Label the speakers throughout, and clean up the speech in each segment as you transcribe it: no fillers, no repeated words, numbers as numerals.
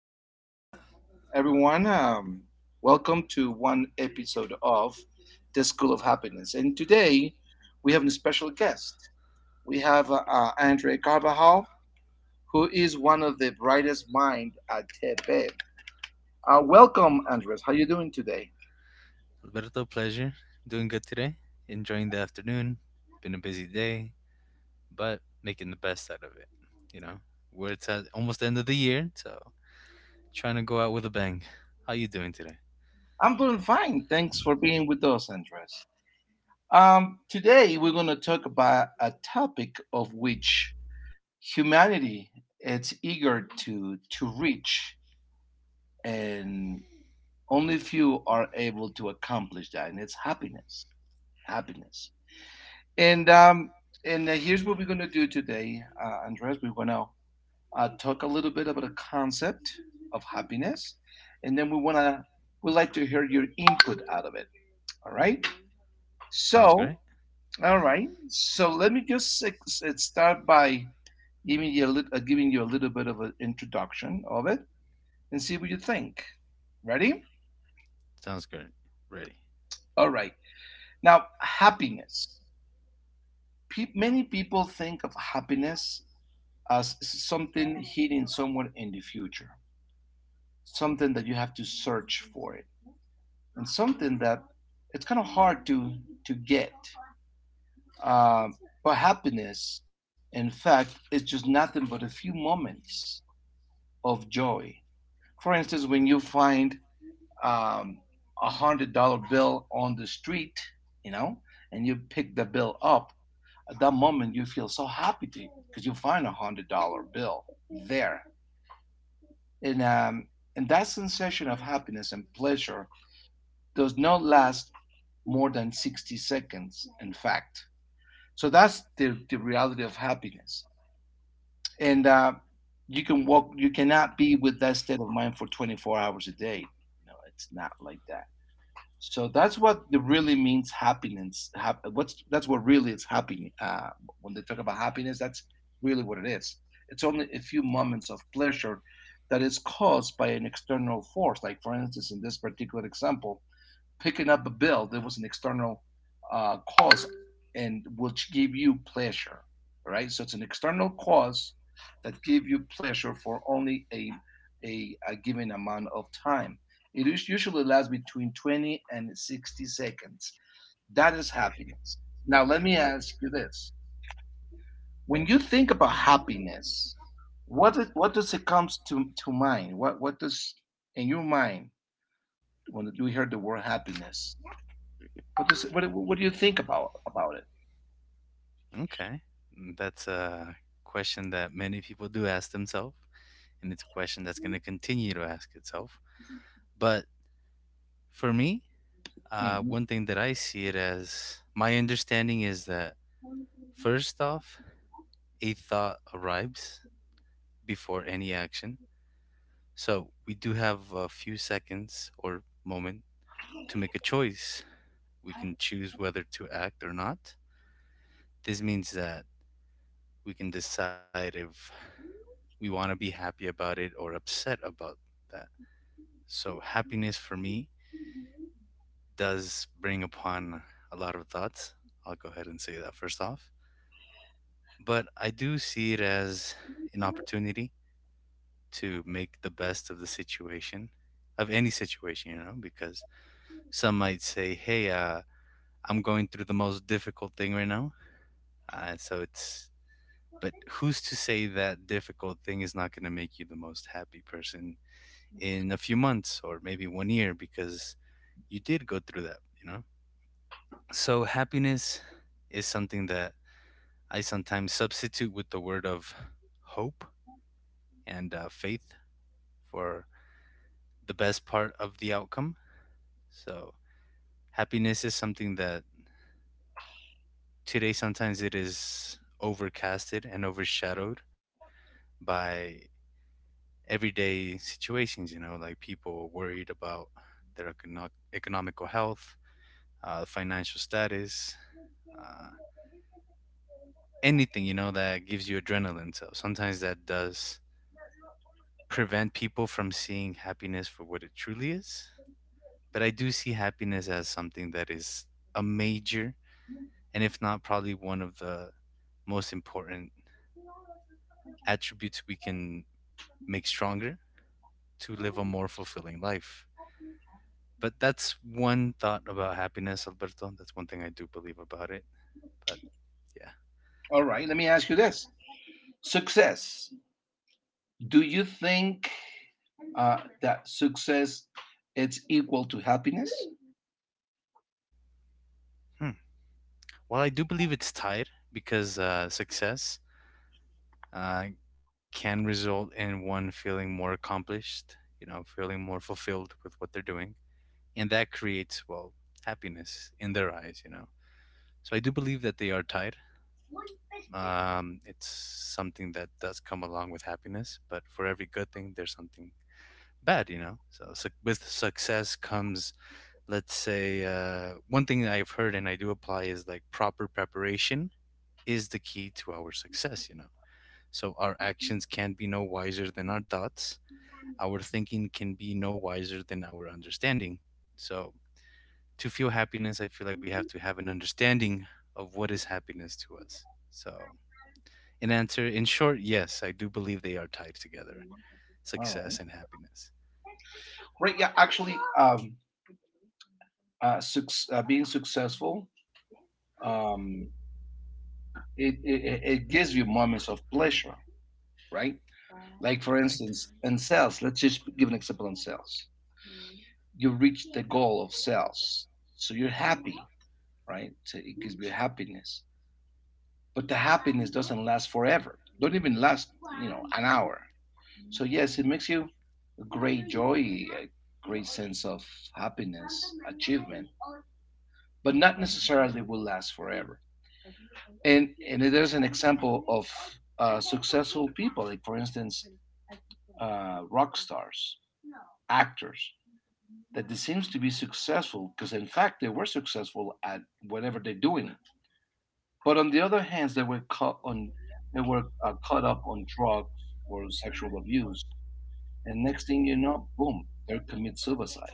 Speaker 1: afternoon, everyone. Welcome to one episode of The School of Happiness. And today we have a special guest. We have Andre Carvajal, who is one of the brightest minds at TP. Welcome, Andres. How you doing today?
Speaker 2: Alberto, pleasure. Doing good today. Enjoying the afternoon. Been a busy day, but making the best out of it. You know, we're it's at almost the end of the year, so trying to go out with a bang. How you doing today?
Speaker 1: I'm doing fine. Thanks for being with us, Andres. Today we're going to talk about a topic of which humanity is eager to reach, and only few are able to accomplish that, and it's happiness, happiness and um and here's what we're going to do today, Andres. We're going to talk a little bit about the concept of happiness, and then we want to we'd like to hear your input out of it, all right?
Speaker 2: Sounds
Speaker 1: So
Speaker 2: great.
Speaker 1: all right, so let me just start by giving you a little giving you a little bit of an introduction of it and see what you think. Ready?
Speaker 2: Sounds good. Ready.
Speaker 1: All right. Now, happiness. Many people think of happiness as something hidden somewhere in the future, something that you have to search for it, and something that it's kind of hard to get. Um, but happiness, in fact, is just nothing but a few moments of joy. For instance, when you find um, $100 bill on the street, you know, and you pick the bill up. At that moment, you feel so happy to because you find $100 bill there, and um, and that sensation of happiness and pleasure does not last more than 60 seconds. In fact, so that's the reality of happiness, and you can walk. You cannot be with that state of mind for 24 hours a day. You know, it's not like that. So that's what it really means happiness. What's that's what really is happy. When they talk about happiness, that's really what it is. It's only a few moments of pleasure that is caused by an external force. Like for instance, in this particular example, picking up a bill, there was an external cause, and which gave you pleasure, right? So it's an external cause that gave you pleasure for only a given amount of time. It usually lasts between 20 and 60 seconds. That is happiness. Now, let me ask you this: when you think about happiness, what does it comes to mind? What does in your mind when you hear the word happiness? What does what do you think about it?
Speaker 2: Okay. That's a question that many people do ask themselves, and it's a question that's going to continue to ask itself. But for me,
Speaker 1: Mhm.
Speaker 2: one thing that I see it as my understanding is that first off, a thought arrives before any action. So we do have a few seconds or moment to make a choice. We can choose whether to act or not. This means that we can decide if we want to be happy about it or upset about that. So happiness for me does bring upon a lot of thoughts. I'll go ahead and say that first off. But I do see it as an opportunity to make the best of the situation, of any situation, you know, because some might say, "Hey, I'm going through the most difficult thing right now." Uh, so it's, but who's to say that difficult thing is not going to make you the most happy person in a few months or maybe one year because you did go through that, you know? So happiness is something that I sometimes substitute with the word of hope and faith for the best part of the outcome. So happiness is something that today, sometimes it is overcasted and overshadowed by everyday situations, you know, like people worried about their economical health, financial status, uh, anything, you know, that gives you adrenaline. So sometimes that does prevent people from seeing happiness for what it truly is. But I do see happiness as something that is a major, and if not, probably one of the most important attributes we can make stronger to live a more fulfilling life. But that's one thought about happiness, Alberto. That's one thing I do believe about it. But yeah.
Speaker 1: All right, let me ask you this: success. Do you think that success it's equal to happiness?
Speaker 2: Hmm. Well, I do believe it's tied because success uh, can result in one feeling more accomplished, you know, feeling more fulfilled with what they're doing. And that creates, well, happiness in their eyes, you know. So I do believe that they are tied. It's something that does come along with happiness, but for every good thing, there's something bad, you know. So suc with success comes, let's say, one thing that I've heard and I do apply is like proper preparation is the key to our success, you know. So our actions can be no wiser than our thoughts. Our thinking can be no wiser than our understanding. So to feel happiness, I feel like we have to have an understanding of what is happiness to us. So in answer, in short, yes, I do believe they are tied together,
Speaker 1: All right,
Speaker 2: success and happiness.
Speaker 1: right? Yeah, actually, being successful, um, it gives you moments of pleasure, right? Like for
Speaker 2: Correct.
Speaker 1: instance, in sales, let's just give an example in sales. You reach the goal of sales, so you're happy, right? So it gives you happiness, but the happiness doesn't last forever. Don't even last, you know, an hour. So yes, it makes you a great joy, a great sense of happiness, achievement, but not necessarily will last forever. And there's an example of successful people, like for instance, rock stars, actors, that they seems to be successful because in fact they were successful at whatever they're doing. But on the other hand, they were caught on they were caught up on drugs or sexual abuse, and next thing you know, boom, they commit suicide.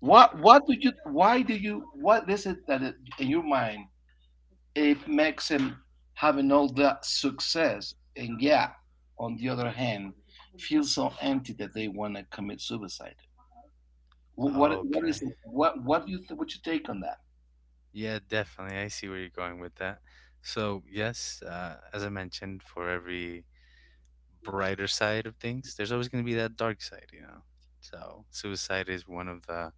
Speaker 1: What
Speaker 2: Correct.
Speaker 1: do you why do you what is it that it, in your mind, it makes them having all that success and, yeah, on the other hand, feel so empty that they want to commit suicide? What what
Speaker 2: Okay.
Speaker 1: is it? What do you what you take on that?
Speaker 2: Yeah, definitely. I see where you're going with that. So, yes, as I mentioned, for every brighter side of things, there's always going to be that dark side, you know. So, suicide is one of the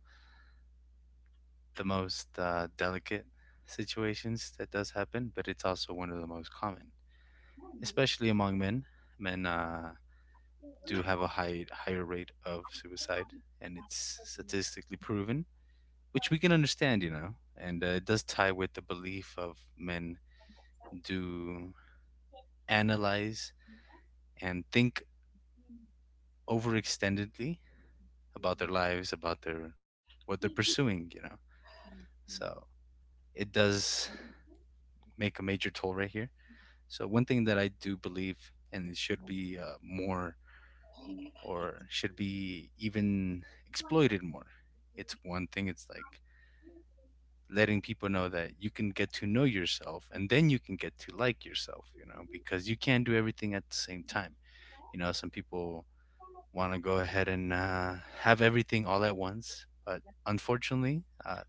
Speaker 2: most delicate situations that does happen, but it's also one of the most common, especially among men. Men do have a higher rate of suicide, and it's statistically proven, which we can understand, you know. And it does tie with the belief of men do analyze and think overextendedly about their lives, about their what they're pursuing, you know. So it does make a major toll right here. So one thing that I do believe and should be more or should be even exploited more. It's one thing. It's like letting people know that you can get to know yourself and then you can get to like yourself, you know, because you can't do everything at the same time. You know, some people want to go ahead and have everything all at once. But unfortunately,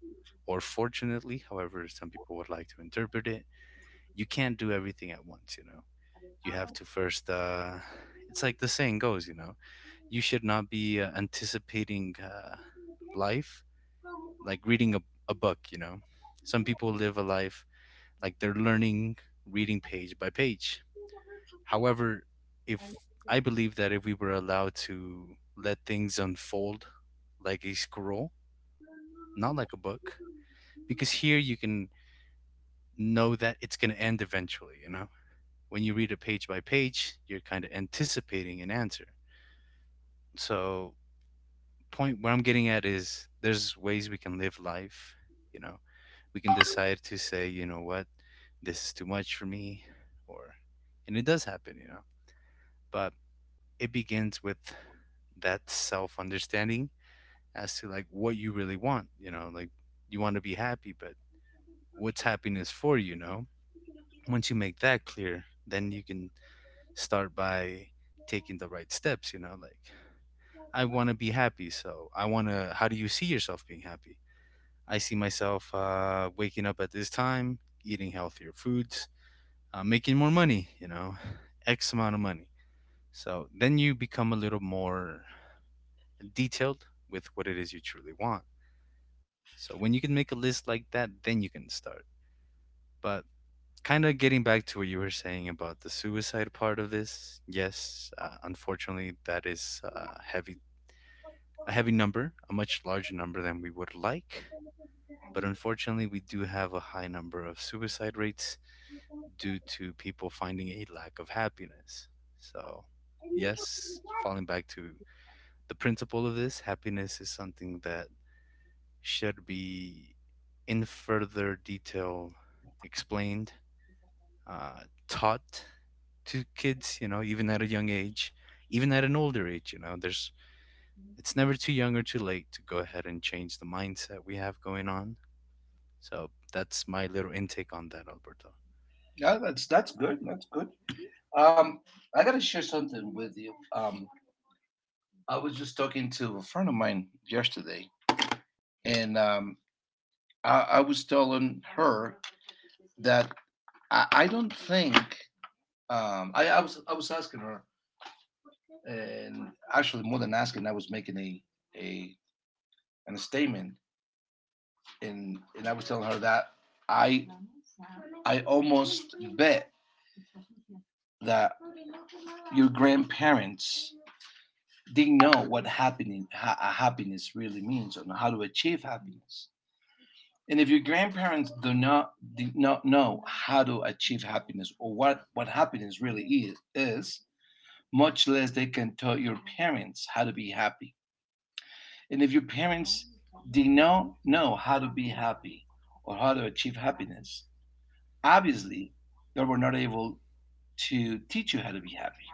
Speaker 2: or fortunately, however some people would like to interpret it, you can't do everything at once. You know, you have to first. It's like the saying goes. You know, you should not be anticipating life like reading a book. You know, some people live a life like they're learning, reading page by page. However, if I believe that if we were allowed to let things unfold like a scroll, not like a book, because here you can know that it's going to end eventually, you know? When you read a page by page, you're kind of anticipating an answer. So, point where I'm getting at is there's ways we can live life, you know? We can decide to say, you know what, this is too much for me, or, and it does happen, you know? But it begins with that self understanding as to like what you really want, you know, like you want to be happy, but what's happiness for you, you know? Once you make that clear, then you can start by taking the right steps, you know, like I want to be happy, so I want to how do you see yourself being happy? I see myself waking up at this time, eating healthier foods, making more money, you know, X amount of money. So then you become a little more and detailed with what it is you truly want. So when you can make a list like that, then you can start. But kind of getting back to what you were saying about the suicide part of this, yes, unfortunately, that is a heavy number, a much larger number than we would like. But unfortunately, we do have a high number of suicide rates due to people finding a lack of happiness. So, yes, falling back to the principle of this, happiness is something that should be in further detail explained, uh, taught to kids, you know, even at a young age, even at an older age. You know, there's it's never too young or too late to go ahead and change the mindset we have going on. So that's my little intake on that, Alberto.
Speaker 1: Yeah, that's good. That's good. Um, I got to share something with you. I was just talking to a friend of mine yesterday, and I was telling her that I don't think I was asking her, and actually more than asking, I was making a a statement, and I was telling her that I I almost bet that your grandparents didn't know what happening happiness really means and how to achieve happiness. And if your grandparents do not did not know how to achieve happiness or what happiness really is, much less they can tell your parents how to be happy. And if your parents did not know how to be happy or how to achieve happiness, obviously they were not able to teach you how to be happy.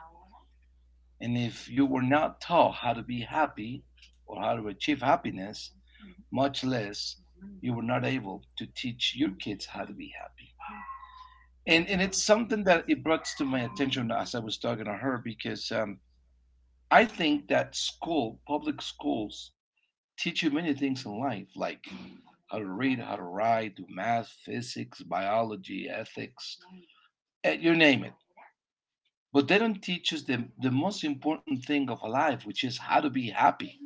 Speaker 1: And if you were not taught how to be happy or how to achieve happiness, much less you were not able to teach your kids how to be happy. And it's something that it brought to my attention as I was talking to her because I think that public schools teach you many things in life, like how to read, how to write, do math, physics, biology, ethics, eh, you name it. But they don't teach us the most important thing of life, which is how to be happy.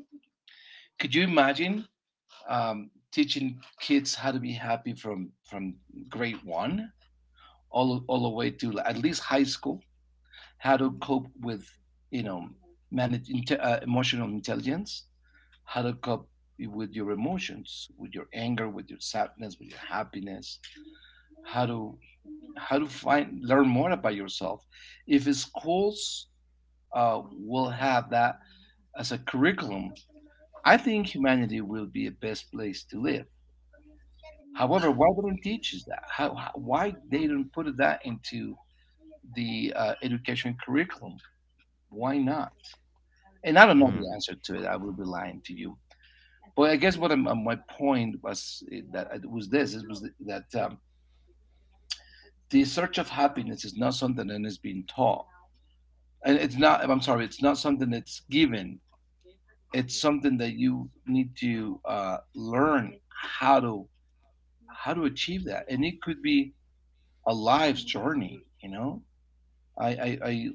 Speaker 1: Could you imagine teaching kids how to be happy from grade one, all the way to at least high school? How to cope with, you know, manage emotional intelligence. How to cope with your emotions, with your anger, with your sadness, with your happiness. How to how to find learn more about yourself. If schools will have that as a curriculum, I think humanity will be a best place to live. However, why they don't teach us that? How why they don't put that into the education curriculum? Why not? And I don't know
Speaker 2: Mm,
Speaker 1: the answer to it. I will be lying to you. But I guess what my point was, that it was this: it was that the search of happiness is not something that is being taught, and it's not. I'm sorry, it's not something that's given. It's something that you need to learn how to achieve that, and it could be a life's journey. You know, I I I,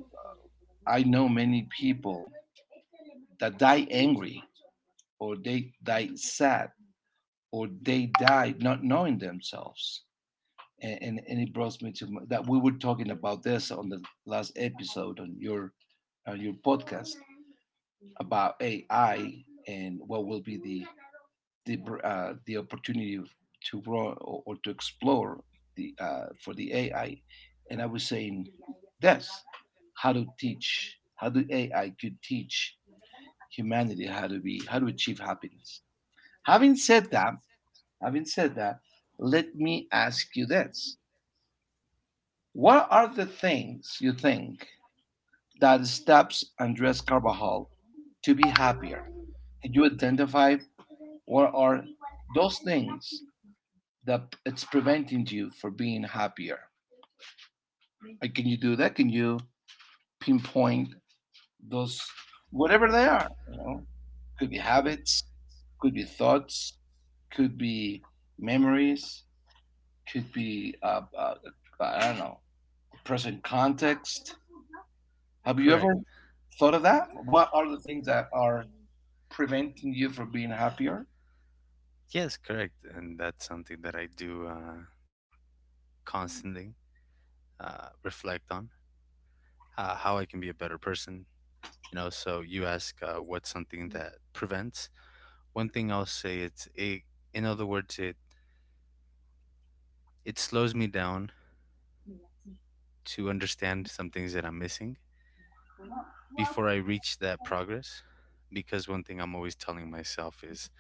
Speaker 1: I know many people that die angry or they die sad or they died not knowing themselves. And it brought me to my, that we were talking about this on the last episode on your podcast about AI and what will be the opportunity to grow or to explore the for the AI. And I was saying this: how to teach, how do AI could teach humanity how to be, how to achieve happiness. Having said that, Having said that, let me ask you this. What are the things you think that stops Andres Carvajal to be happier? Can you identify what are those things that it's preventing you from being happier? Like, can you do that? Can you pinpoint those, whatever they are? You know, could be habits, could be thoughts, could be memories, could be I don't know, present context. Have you ever
Speaker 2: correct.
Speaker 1: thought of that? What are the things that are preventing you from being happier?
Speaker 2: Yes, correct. And that's something that I do constantly reflect on, how I can be a better person. You know, so you ask, what's something that prevents. One thing I'll say, it's it in other words, it slows me down to understand some things that I'm missing before I reach that progress, because one thing I'm always telling myself is,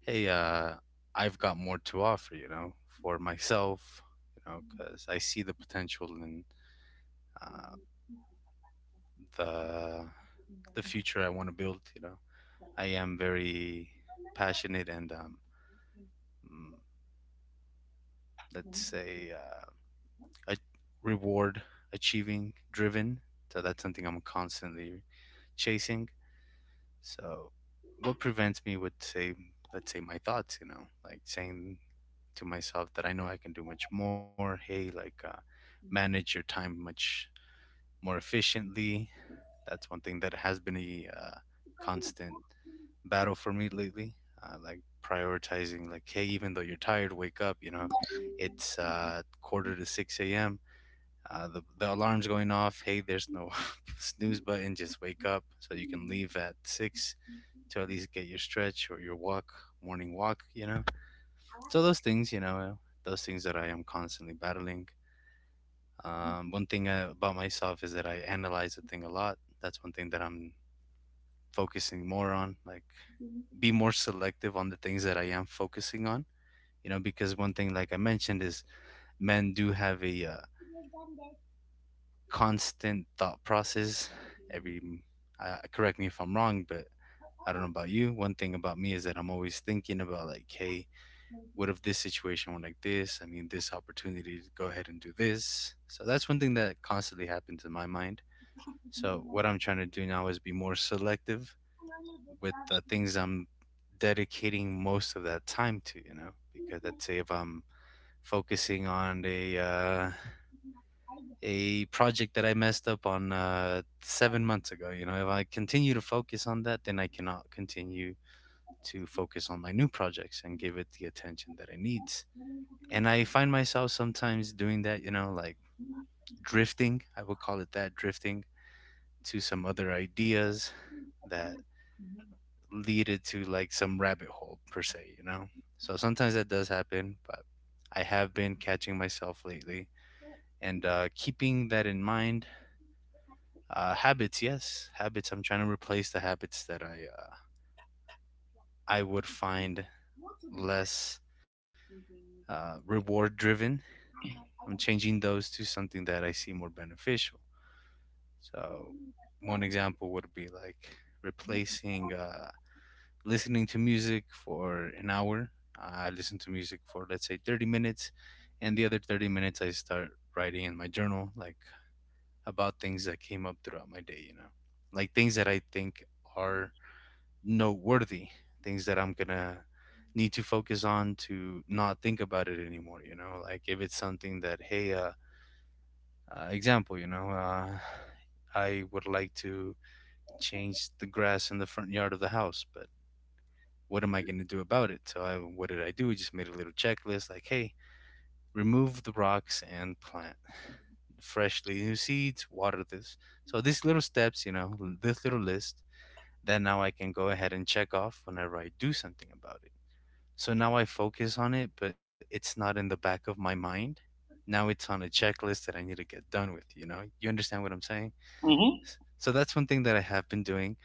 Speaker 2: hey, I've got more to offer, you know, for myself. You know, cuz I see the potential and uh, the the future I want to build, you know. I am very passionate and mm, let's say, uh, a reward achieving driven. So that's something I'm constantly chasing. So what prevents me, would say, let's say my thoughts, you know, like saying to myself that I know I can do much more. Hey, like, manage your time much more efficiently. That's one thing that has been a constant battle for me lately. Like prioritizing, like, hey, even though you're tired, wake up. You know, it's quarter to 6 a.m., the alarm's going off. Hey, there's no snooze button. Just wake up so you can leave at 6 to at least get your stretch or your walk, morning walk. You know, so those things, you know, those things that I am constantly battling. One thing about myself is that I analyze the thing a lot. That's one thing that I'm focusing more on. Like, be more selective on the things that I am focusing on. You know, because one thing, like I mentioned, is men do have a constant thought process. Every, correct me if I'm wrong, but I don't know about you. One thing about me is that I'm always thinking about like, hey, what if this situation went like this? I mean, this opportunity to go ahead and do this. So that's one thing that constantly happens in my mind. So what I'm trying to do now is be more selective with the things I'm dedicating most of that time to, you know, because let's say if I'm focusing on a project that I messed up on 7 months ago. You know, if I continue to focus on that, then I cannot continue to focus on my new projects and give it the attention that it needs. And I find myself sometimes doing that, you know, like drifting, I would call it that, drifting to some other ideas that lead it to like some rabbit hole per se, you know? So sometimes that does happen, but I have been catching myself lately and keeping that in mind. Habits, yes, habits. I'm trying to replace the habits that I would find less reward driven. I'm changing those to something that I see more beneficial. So, one example would be like replacing listening to music for an hour. I listen to music for, let's say, 30 minutes, and the other 30 minutes I start writing in my journal, like about things that came up throughout my day. You know, like things that I think are noteworthy, things that I'm gonna need to focus on to not think about it anymore. Like if it's something that, hey, example, I would like to change the grass in the front yard of the house. But what am I gonna do about it? What did I do? I just made a little checklist, like, hey, remove the rocks and plant freshly new seeds, water this. So these little steps, you know, this little list that now I can go ahead and check off whenever I do something about it. So now I focus on it, but it's not in the back of my mind. Now it's on a checklist that I need to get done with, you know? You understand what I'm saying?
Speaker 1: Hmm.
Speaker 2: So that's one thing that I have been doing,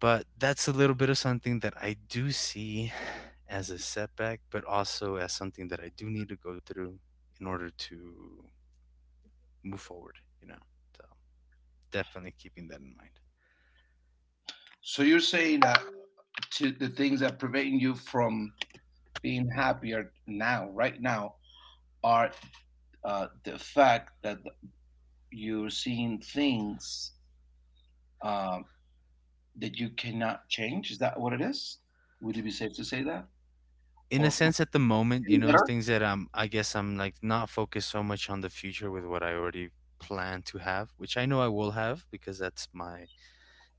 Speaker 2: but that's a little bit of something that I do see as a setback, but also as something that I do need to go through in order to move forward, you know? So definitely keeping that in mind.
Speaker 1: So you're saying that to the things that prevent you from being happier now, right now, are the fact that you're seeing things um, that you cannot change. Is that what it is? Would it be safe to say that?
Speaker 2: In
Speaker 1: Or
Speaker 2: a sense, at the moment, you know, it's
Speaker 1: better?
Speaker 2: things that I guess I'm like not focused so much on the future with what I already plan to have, which I know I will have, because that's my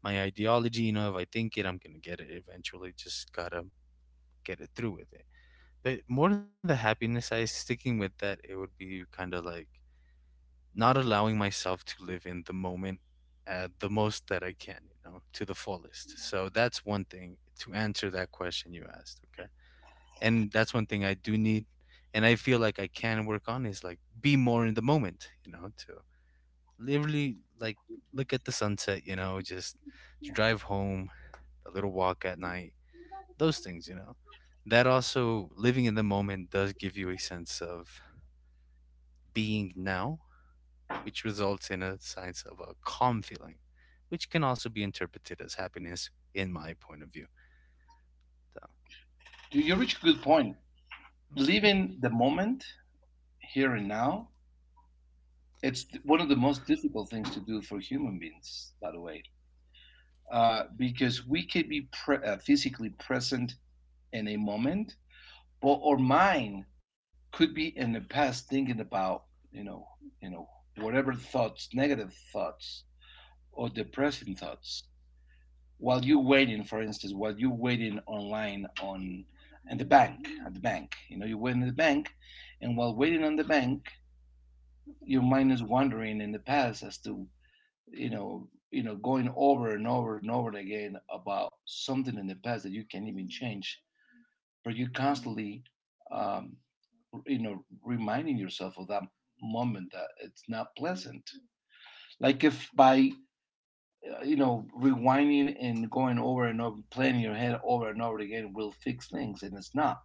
Speaker 2: my ideology. You know, if I think it, I'm gonna get it eventually, just gotta get it through with it. But more than the happiness, I sticking with that, it would be kind of like not allowing myself to live in the moment at the most that I can, you know, to the fullest. So that's one thing to answer that question you asked. Okay, and that's one thing I do need, and I feel like I can work on is like be more in the moment, you know, to literally like look at the sunset, you know, just to drive home, a little walk at night, those things, you know. That also, living in the moment does give you a sense of being now, which results in a sense of a calm feeling, which can also be interpreted as happiness in my point of view. So,
Speaker 1: You reach a good point. Living the moment, here and now, it's one of the most difficult things to do for human beings, by the way, because we could be physically present in a moment, but our mind could be in the past thinking about, you know, you know, whatever thoughts, negative thoughts or depressing thoughts, while you're waiting, for instance, while you're waiting online on at the bank, you're waiting at the bank, and while waiting on the bank, your mind is wandering in the past as to, going over and over and over again about something in the past that you can't even change, but you're constantly, um, reminding yourself of that moment that it's not pleasant, like if by, rewinding and going over and over, playing your head over and over again will fix things. And it's not.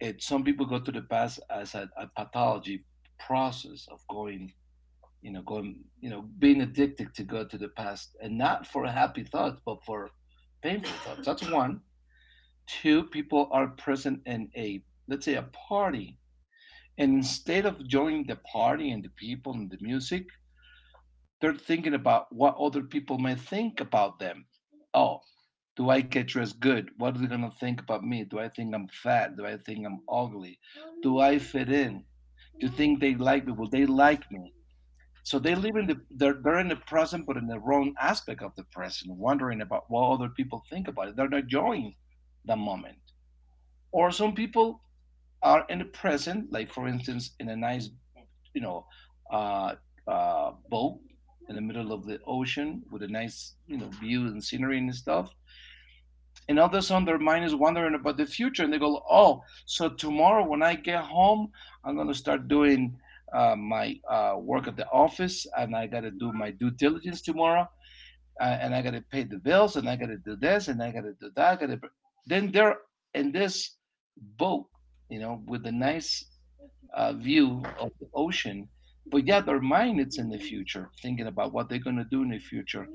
Speaker 1: It Some people go to the past as a pathology, process of going, being addicted to go to the past, and not for happy thoughts but for painful thoughts. That's one. Two, people are present in a, let's say, a party, and instead of joining the party and the people and the music, they're thinking about what other people may think about them. Oh, do I get dressed good? What are they going to think about me? Do I think I'm fat? Do I think I'm ugly? Do I fit in? Do you think they like me? Will they like me? So they're in the present, but in the wrong aspect of the present, wondering about what other people think about it. They're not enjoying the moment. Or some people are in the present, like, for instance, in a nice, you know uh, boat in the middle of the ocean with a nice, view and scenery and stuff, and all of a sudden their mind is wondering about the future, and they go, oh, so tomorrow when I get home, I'm going to start doing my work at the office, and I got to do my due diligence tomorrow, and I got to pay the bills, and I got to do this, and I got to do that. I gotta. Then they're in this boat, with a nice, view of the ocean. But yeah, their mind is in the future thinking about what they're going to do in the future.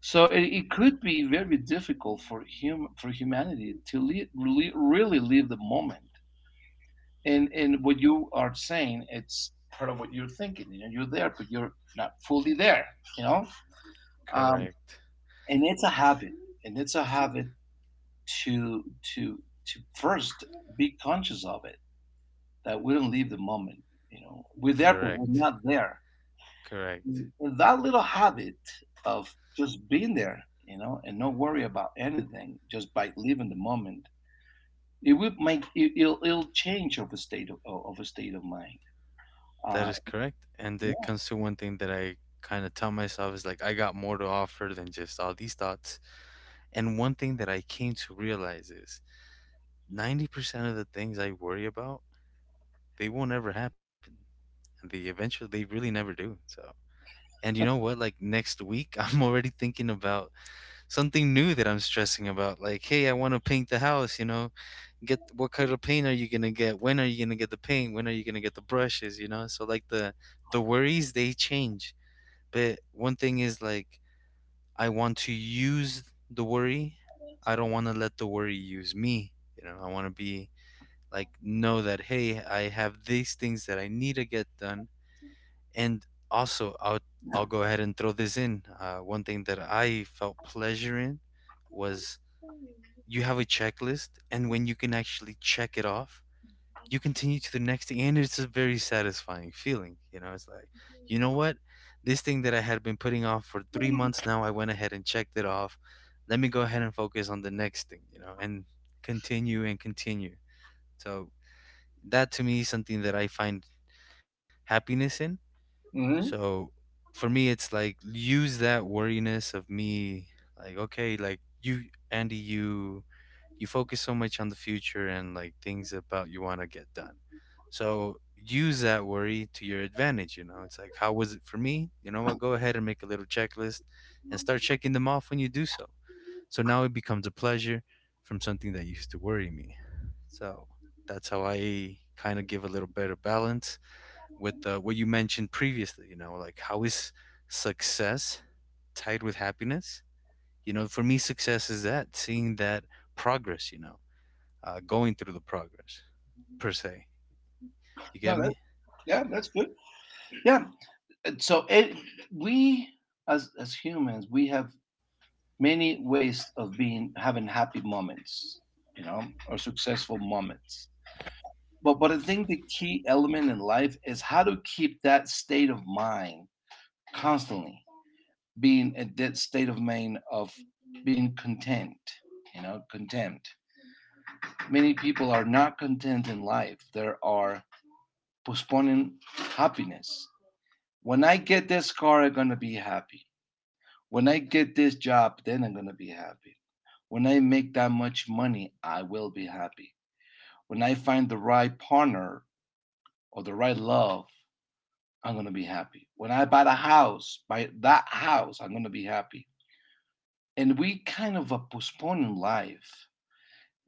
Speaker 1: So it could be very difficult for for humanity to really, really live the moment. And what you are saying, it's part of what you're thinking. You know, you're there, but you're not fully there. You know, um,
Speaker 2: correct.
Speaker 1: and it's a habit, and it's a habit to first be conscious of it, that we don't leave the moment. You know, we're there, but we're
Speaker 2: Correct.
Speaker 1: not there.
Speaker 2: Correct.
Speaker 1: And that little habit of just being there, and not worry about anything, just by living the moment, it will make it'll change of a state of a state of mind.
Speaker 2: That
Speaker 1: Uh,
Speaker 2: is correct. And
Speaker 1: yeah.
Speaker 2: it comes to one thing that I kind of tell myself is like, I got more to offer than just all these thoughts. And one thing that I came to realize is 90% of the things I worry about, they won't ever happen. And they eventually, they really never do. So, and you know what? Like next week, I'm already thinking about something new that I'm stressing about. Like, hey, I want to paint the house, you know, get, what kind of paint are you going to get? When are you going to get the paint? When are you going to get the brushes, you know? So, like, the worries, they change. But one thing is like I want to use the worry. I don't want to let the worry use me. You know, I want to be like know that, hey, I have these things that I need to get done, and also I'll go ahead and throw this in. One thing that I felt pleasure in was, you have a checklist, and when you can actually check it off, you continue to the next thing, and it's a very satisfying feeling. You know, it's like, you know what, this thing that I had been putting off for 3 months, now I went ahead and checked it off. Let me go ahead and focus on the next thing, you know, and continue and continue. So that to me is something that I find happiness in.
Speaker 1: Hmm.
Speaker 2: So for me, it's like use that worriness of me. Like, okay, like you, Andy, you focus so much on the future and like things about you want to get done. So use that worry to your advantage. You know, it's like, how was it for me? You know what? Go ahead and make a little checklist and start checking them off when you do so. So now it becomes a pleasure from something that used to worry me. So that's how I kind of give a little better balance with what you mentioned previously. You know, like, how is success tied with happiness? You know, for me, success is that, seeing that progress, you know, going through the progress, per se. You
Speaker 1: No,
Speaker 2: get
Speaker 1: that,
Speaker 2: me?
Speaker 1: yeah, that's good. Yeah. And we, as humans, we have many ways of being, having happy moments, you know, or successful moments. But I think the key element in life is how to keep that state of mind constantly, being at that state of mind of being content, you know, content. Many people are not content in life. They are postponing happiness. When I get this car, I'm going to be happy. When I get this job, then I'm going to be happy. When I make that much money, I will be happy. When I find the right partner or the right love, I'm going to be happy. When I buy the house, buy that house, I'm going to be happy. And we kind of are postponing life,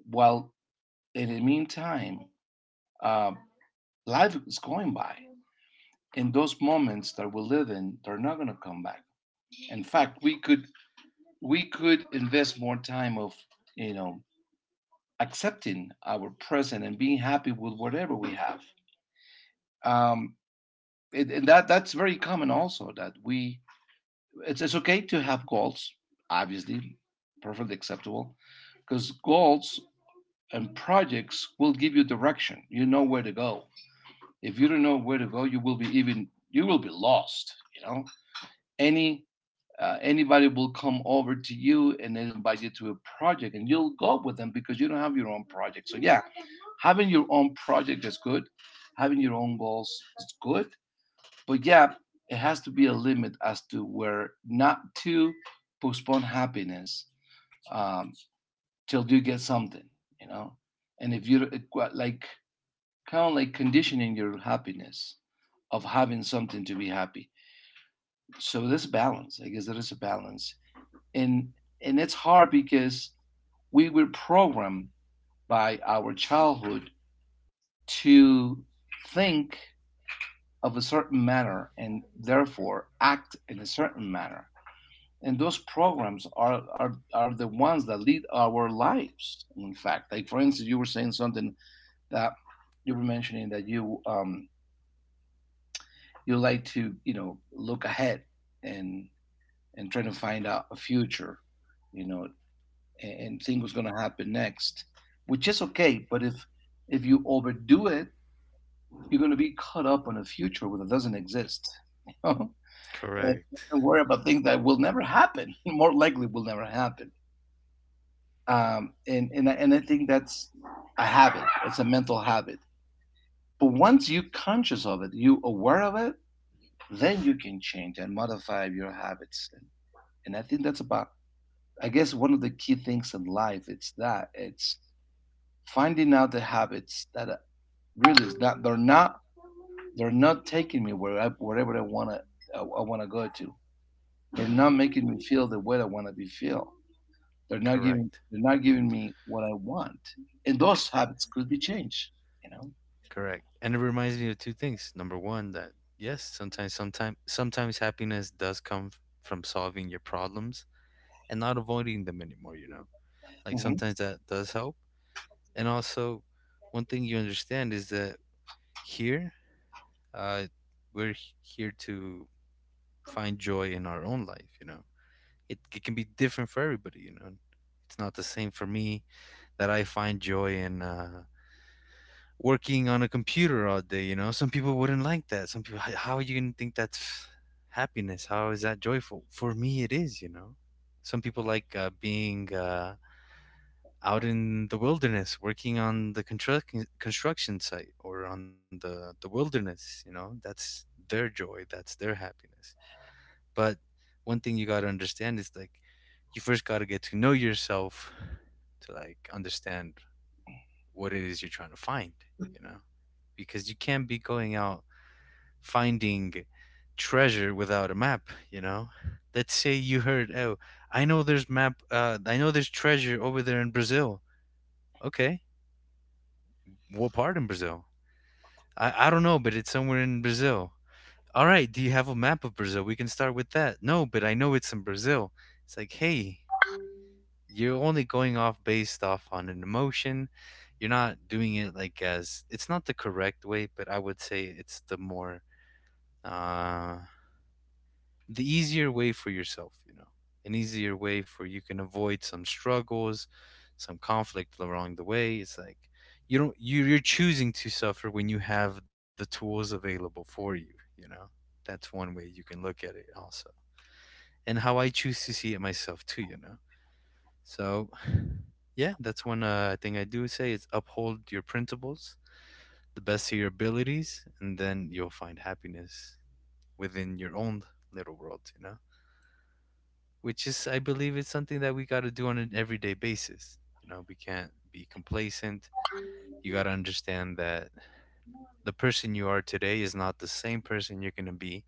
Speaker 1: while in the meantime, uh, life is going by. And those moments that we live in, they're not going to come back. In fact, we could invest more time of, you know accepting our present and being happy with whatever we have. Um, and that's very common also that it's okay to have goals, obviously, perfectly acceptable, because goals and projects will give you direction. You know where to go. If you don't know where to go, you will be even, you will be lost. You know, any anybody will come over to you, and they'll invite you to a project, and you'll go with them because you don't have your own project. So yeah, having your own project is good. Having your own goals is good, but yeah, it has to be a limit as to where not to postpone happiness, um, till you get something. You know, and if you, like, kind of like conditioning your happiness of having something to be happy. So there's a balance. I guess there is a balance. And and it's hard because we were programmed by our childhood to think of a certain manner and therefore act in a certain manner. And those programs are the ones that lead our lives. In fact, like, for instance, you were saying something that you were mentioning that you, you like to, look ahead and try to find out a future, you know and think what's going to happen next, which is okay, but if you overdo it, you're going to be caught up on a future that doesn't exist, you know? And
Speaker 2: Correct.
Speaker 1: worry about things that will never happen, more likely will never happen. And I think that's a habit, it's a mental habit. But once you're conscious of it, you're aware of it, then you can change and modify your habits, and I think that's about, I guess, one of the key things in life, it's that it's finding out the habits that, really is not they're not they're not taking me where, wherever I want to, I want to go to, they're not making me feel the way I want to be feel,
Speaker 2: Correct.
Speaker 1: they're not giving me what I want. And those habits could be changed you know
Speaker 2: Correct. And it reminds me of two things. Number one, that, yes, sometimes happiness does come from solving your problems and not avoiding them anymore, you know, like
Speaker 1: hmm.
Speaker 2: sometimes that does help. And also, one thing you understand is that here, uh, we're here to find joy in our own life, you know. It can be different for everybody, you know. It's not the same for me that I find joy in working on a computer all day. You know, some people wouldn't like that. Some people, how are you gonna think that's happiness? How is that joyful? For me it is, you know. Some people like being out in the wilderness, working on the construction site, or on the wilderness, you know. That's their joy, that's their happiness. But one thing you gotta understand is like, you first gotta get to know yourself, to like understand what it is you're trying to find, you know? Because you can't be going out finding treasure without a map, you know? Let's say you heard, oh, I know there's map, I know there's treasure over there in Brazil. Okay. What part in Brazil? I don't know, but it's somewhere in Brazil. All right, do you have a map of Brazil? We can start with that. No, but I know it's in Brazil. It's like, hey, you're only going off based off on an emotion. You're not doing it like, as it's not the correct way, but I would say it's the more uh the easier way for yourself, you know. An easier way for you, can avoid some struggles, some conflict along the way. It's like, you don't you you're choosing to suffer when you have the tools available for you, you know. That's one way you can look at it also. And how I choose to see it myself too, you know. So, yeah, that's one thing I do say, is uphold your principles, the best of your abilities, and then you'll find happiness within your own little world, you know? Which is, I believe, is something that we got to do on an everyday basis. You know, we can't be complacent. You got to understand that the person you are today is not the same person you're going to be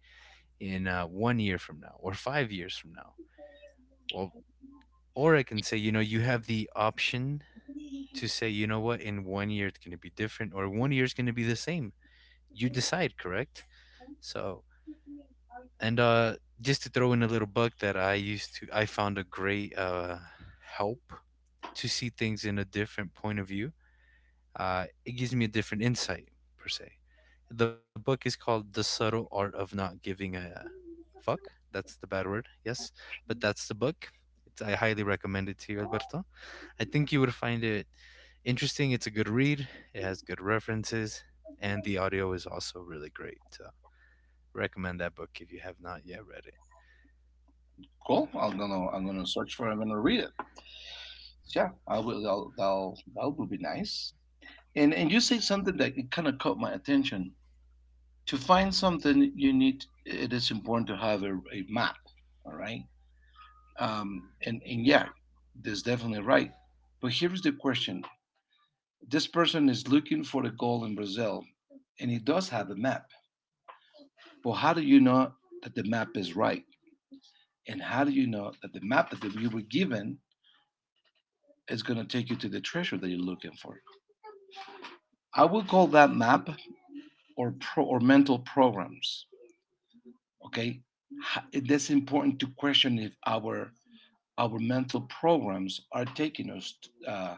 Speaker 2: in one year from now or 5 years from now. Well, or I can say, you know, you have the option to say, you know what, in one year it's going to be different, or one year is going to be the same. You decide, correct? So, and just to throw in a little bug that I used to, I found a great help to see things in a different point of view. It gives me a different insight, per se. The book is called The Subtle Art of Not Giving a Fuck. That's the bad word, yes. But that's the book. It's, I highly recommend it to you, Alberto. I think you would find it interesting. It's a good read, it has good references, and the audio is also really great. So, recommend that book if you have not yet read it.
Speaker 1: Cool. I'm gonna search for. It. I'm gonna read it. So, yeah, I will. That will be nice. And you say something that kind of caught my attention. To find something, you need it is important to have a map. All right. And yeah, that's definitely right. But here's the question: this person is looking for a goal in Brazil, and he does have a map. But how do you know that the map is right? And how do you know that the map that you were given is going to take you to the treasure that you're looking for? I would call that map, or mental programs. Okay. That's important to question if our mental programs are taking us, uh,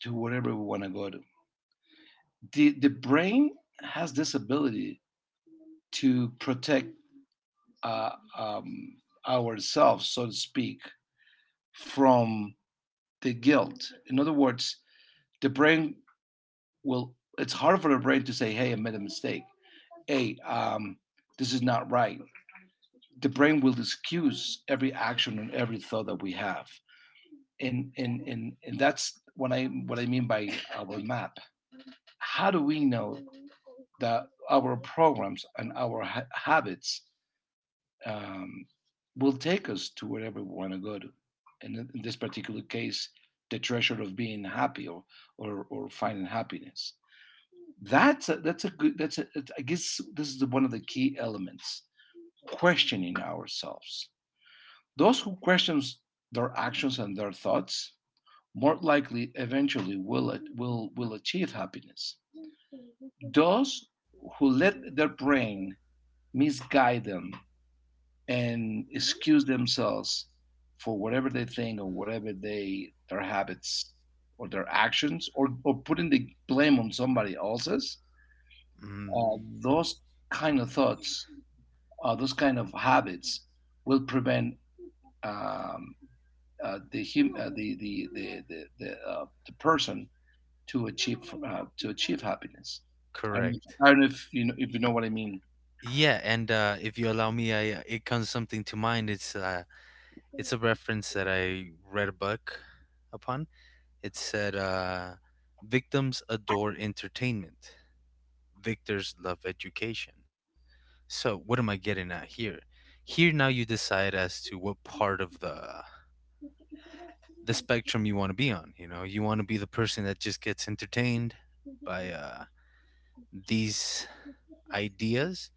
Speaker 1: to wherever we want to go to. The brain has this ability to protect, uh, um, ourselves, so to speak, from the guilt. In other words, the brain will, it's hard for the brain to say, hey, I made a mistake. Hey, this is not right. The brain will excuse every action and every thought that we have. And that's what I mean by our map. How do we know that our programs and our habits, um, will take us to wherever we want to go to? And in this particular case, the treasure of being happy, or finding happiness. That's a good that's a, I guess this is one of the key elements, questioning ourselves. Those who questions their actions and their thoughts more likely eventually will, achieve happiness. Those who let their brain misguide them and excuse themselves for whatever they think, or whatever they, their habits or their actions, or putting the blame on somebody else's,
Speaker 2: Mm,
Speaker 1: uh, those kind of thoughts, those kind of habits will prevent, um, the person to achieve, to achieve happiness. I don't,
Speaker 2: correct.
Speaker 1: I don't know if you know, what I mean.
Speaker 2: Yeah, and if you allow me, I it comes something to mind. It's a reference that I read a book upon. It said, "Victims adore entertainment; victors love education." So, what am I getting at here? Here now, you decide as to what part of the spectrum you want to be on. You know, you want to be the person that just gets entertained by these ideas,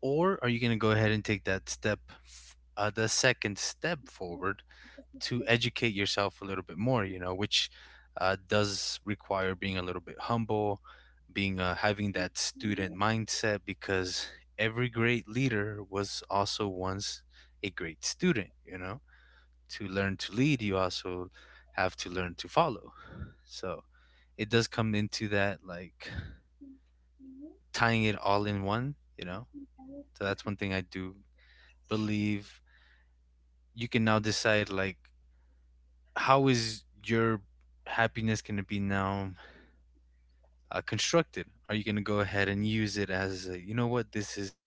Speaker 2: or are you going to go ahead and take that step, the second step forward, to educate yourself a little bit more? You know, which does require being a little bit humble, being having that student mindset, because every great leader was also once a great student. You know, to learn to lead, you also have to learn to follow. So it does come into that, like tying it all in one, you know? So that's one thing I do believe, you can now decide, like, how is your happiness going to be now constructed? Are you going to go ahead and use it as a, you know what, this is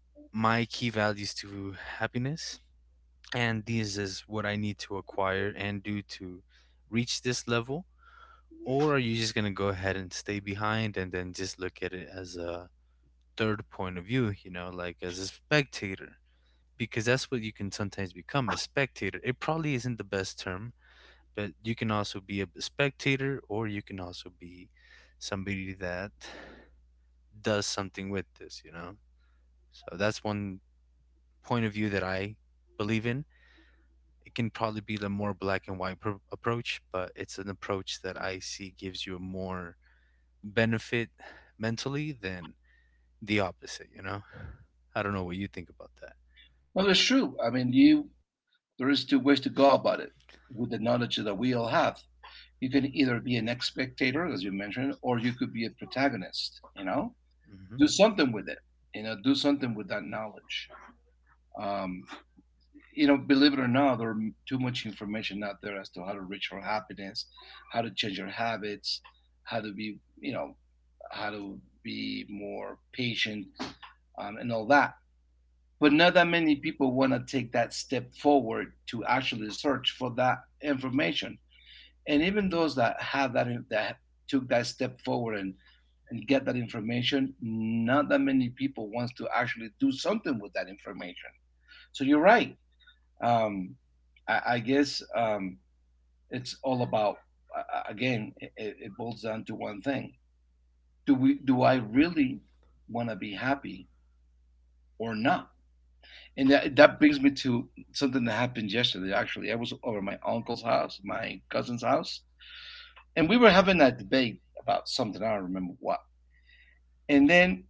Speaker 2: my key values to happiness? And these is what I need to acquire and do to reach this level? Or are you just gonna go ahead and stay behind, and then just look at it as a third point of view, you know, like as a spectator? Because that's what you can sometimes become, a spectator. It probably isn't the best term, but you can also be a spectator, or you can also be somebody that does something with this, you know? So that's one point of view that I believe in. It can probably be the more black and white approach, but it's an approach that I see gives you a more benefit mentally than the opposite, you know? I don't know what you think about that.
Speaker 1: No, that's true. I mean, you there is two ways to go about it with the knowledge that we all have. You can either be an ex spectator, as you mentioned, or you could be a protagonist. You know,
Speaker 2: Hmm.
Speaker 1: do something with it. You know, do something with that knowledge. Um, you know, believe it or not, there are too much information out there as to how to reach for happiness, how to change your habits, how to be, you know, how to be more patient, and all that. But not that many people want to take that step forward to actually search for that information. And even those that have that took that step forward and, get that information, not that many people wants to actually do something with that information. So you're right. Um, I guess, it's all about, again, it boils down to one thing: do I really want to be happy or not? And that brings me to something that happened yesterday. Actually, I was over at my uncle's house, my cousin's house, and we were having a debate about something. I don't remember what. And then,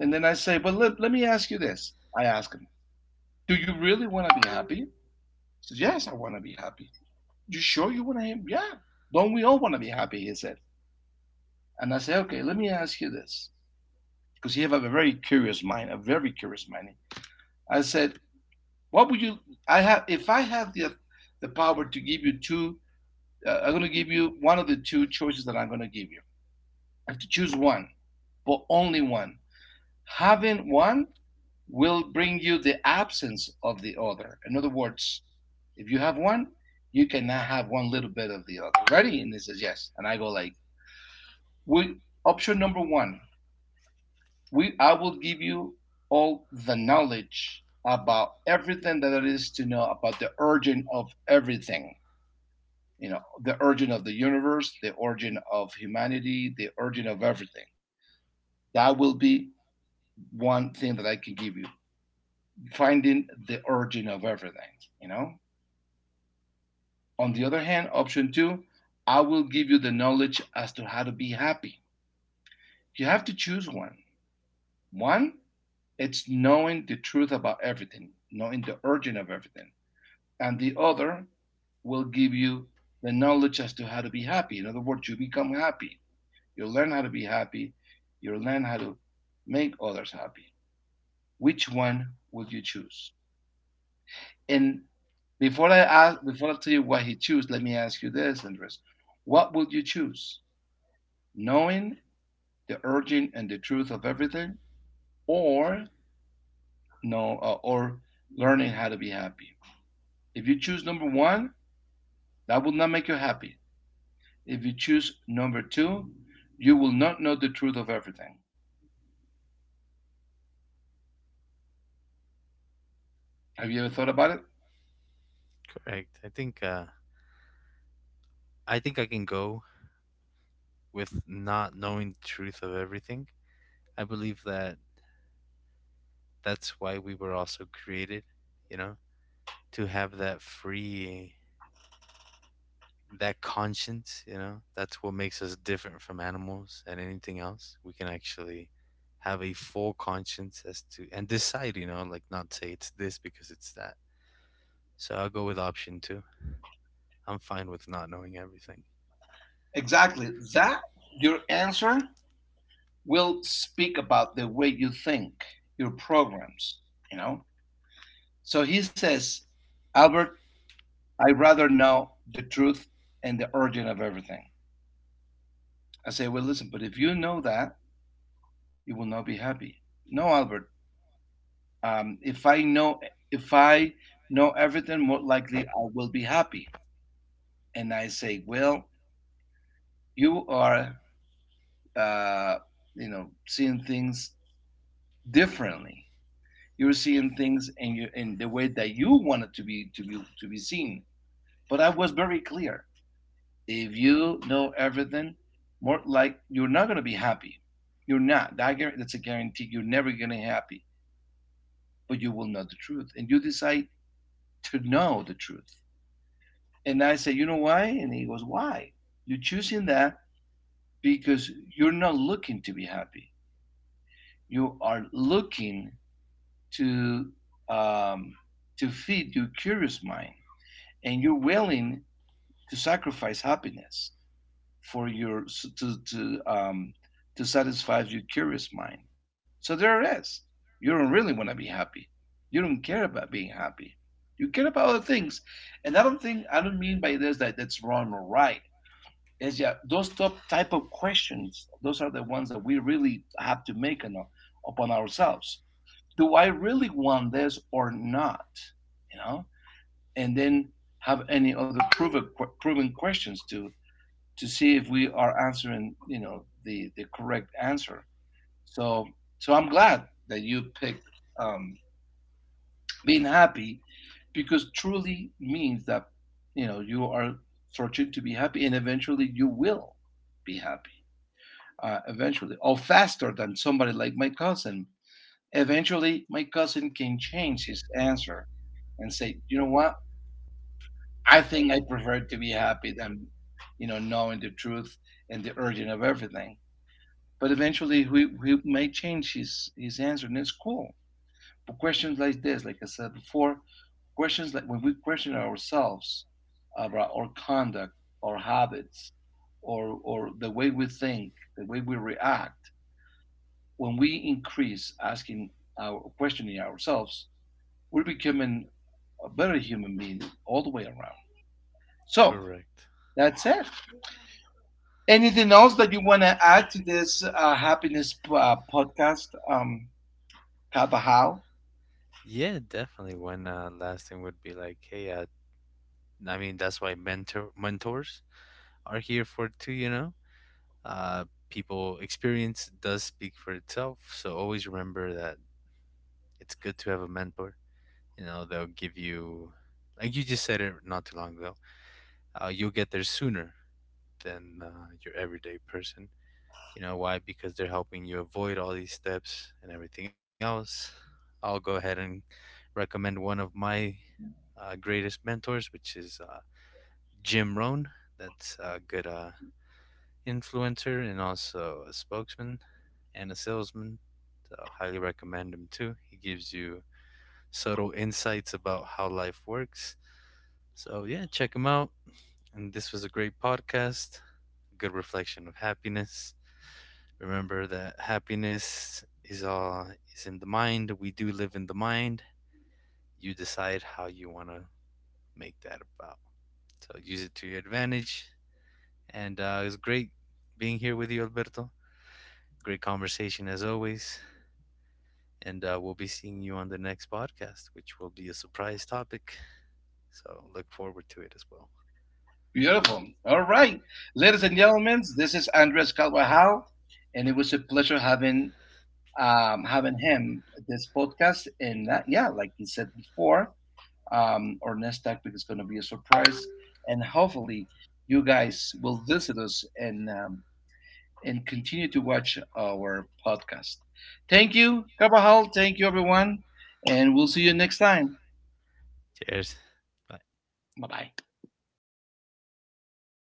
Speaker 1: and then, I say, "Well, let me ask you this." I ask him, "Do you really want to be happy?" He says, "Yes, I want to be happy." You sure you want to be? Yeah. Don't we all want to be happy? He said. And I say, "Okay, let me ask you this," because he have a very curious mind, a very curious mind. I said, "What would you? I have If I have the power to give you two, I'm going to give you one of the two choices that I'm going to give you. I have to choose one, but only one. Having one will bring you the absence of the other. In other words, if you have one, you cannot have one little bit of the other. Ready? And he says yes. And I go like, we, option number one, we I will give you all the knowledge about everything that there is to know about the origin of everything. You know, the origin of the universe, the origin of humanity, the origin of everything. That will be one thing that I can give you, finding the origin of everything, you know on the other hand, option two, I will give you the knowledge as to how to be happy. You have to choose one. One, it's knowing the truth about everything, knowing the origin of everything. And the other will give you the knowledge as to how to be happy. In other words, you become happy. You'll learn how to be happy. You'll learn how to make others happy. Which one would you choose? And before I ask, before I tell you what he chose, let me ask you this, Andres: what would you choose? Knowing the origin and the truth of everything, or no, or learning how to be happy? If you choose number one, that will not make you happy. If you choose number two, you will not know the truth of everything. Have you ever thought about it?
Speaker 2: Correct. I think I think I can go with not knowing the truth of everything. I believe that that's why we were also created, you know, to have that free, that conscience, you know. That's what makes us different from animals and anything else. We can actually have a full conscience as to, and decide, you know, like not say it's this because it's that. So I'll go with option two. I'm fine with not knowing everything.
Speaker 1: Exactly. That your answer will speak about the way you think, your programs, you know? So he says, Albert, I'd rather know the truth and the origin of everything. I say, well, listen, but if you know that, you will not be happy. No, Albert, um, if I know, if I know everything, more likely I will be happy. And I say, well, you are, uh, you know, seeing things differently. You're seeing things in your, in the way that you want it to be seen. But I was very clear. If you know everything, more like you're not going to be happy. You're not. That's a guarantee. You're never going to be happy, but you will know the truth, and you decide to know the truth. And I say, you know why? And he goes, why? You're choosing that because you're not looking to be happy. You are looking to um, to feed your curious mind, and you're willing to sacrifice happiness for your to to um to satisfy your curious mind. So there it is. You don't really want to be happy. You don't care about being happy. You care about other things. And I don't mean by this that that's wrong or right. It's yeah, those top type of questions, those are the ones that we really have to make on, upon ourselves. Do I really want this or not? You know? And then have any other proven questions to see if we are answering, you know, the correct answer. So so I'm glad that you picked um, being happy because truly means that you know you are searching to be happy and eventually you will be happy, eventually, or faster than somebody like my cousin. Eventually my cousin can change his answer and say, you know what, I think I prefer to be happy than, you know, knowing the truth and the urging of everything. But eventually, he may change his answer, and it's cool. But questions like this, like I said before, questions like when we question ourselves about our conduct, our habits, or the way we think, the way we react, when we increase asking our questioning ourselves, we're becoming a better human being all the way around. So
Speaker 2: Correct.
Speaker 1: that's it. Anything else that you want to add to this happiness podcast, Kaba How?
Speaker 2: Yeah, definitely. One last thing would be like, hey, I mean, that's why mentors are here for too. You know, people experience does speak for itself. So always remember that it's good to have a mentor. You know, they'll give you, like you just said it not too long ago. You'll get there sooner than your everyday person. You know why? Because they're helping you avoid all these steps and everything else. I'll go ahead and recommend one of my greatest mentors, which is Jim Rohn. That's a good influencer, and also a spokesman and a salesman. So I highly recommend him too. He gives you subtle insights about how life works. So yeah, check him out. And this was a great podcast, a good reflection of happiness. Remember that happiness is all is in the mind. We do live in the mind. You decide how you want to make that about. So use it to your advantage. And it was great being here with you, Alberto. Great conversation as always. And we'll be seeing you on the next podcast, which will be a surprise topic. So look forward to it as well.
Speaker 1: Beautiful. All right. Ladies and gentlemen, this is Andres Calvajal, and it was a pleasure having having him at this podcast. And that, yeah, like he said before, our next topic is going to be a surprise, and hopefully, you guys will visit us and continue to watch our podcast. Thank you, Calvajal. Thank you, everyone, and we'll see you next time.
Speaker 2: Cheers. Bye.
Speaker 1: Bye bye.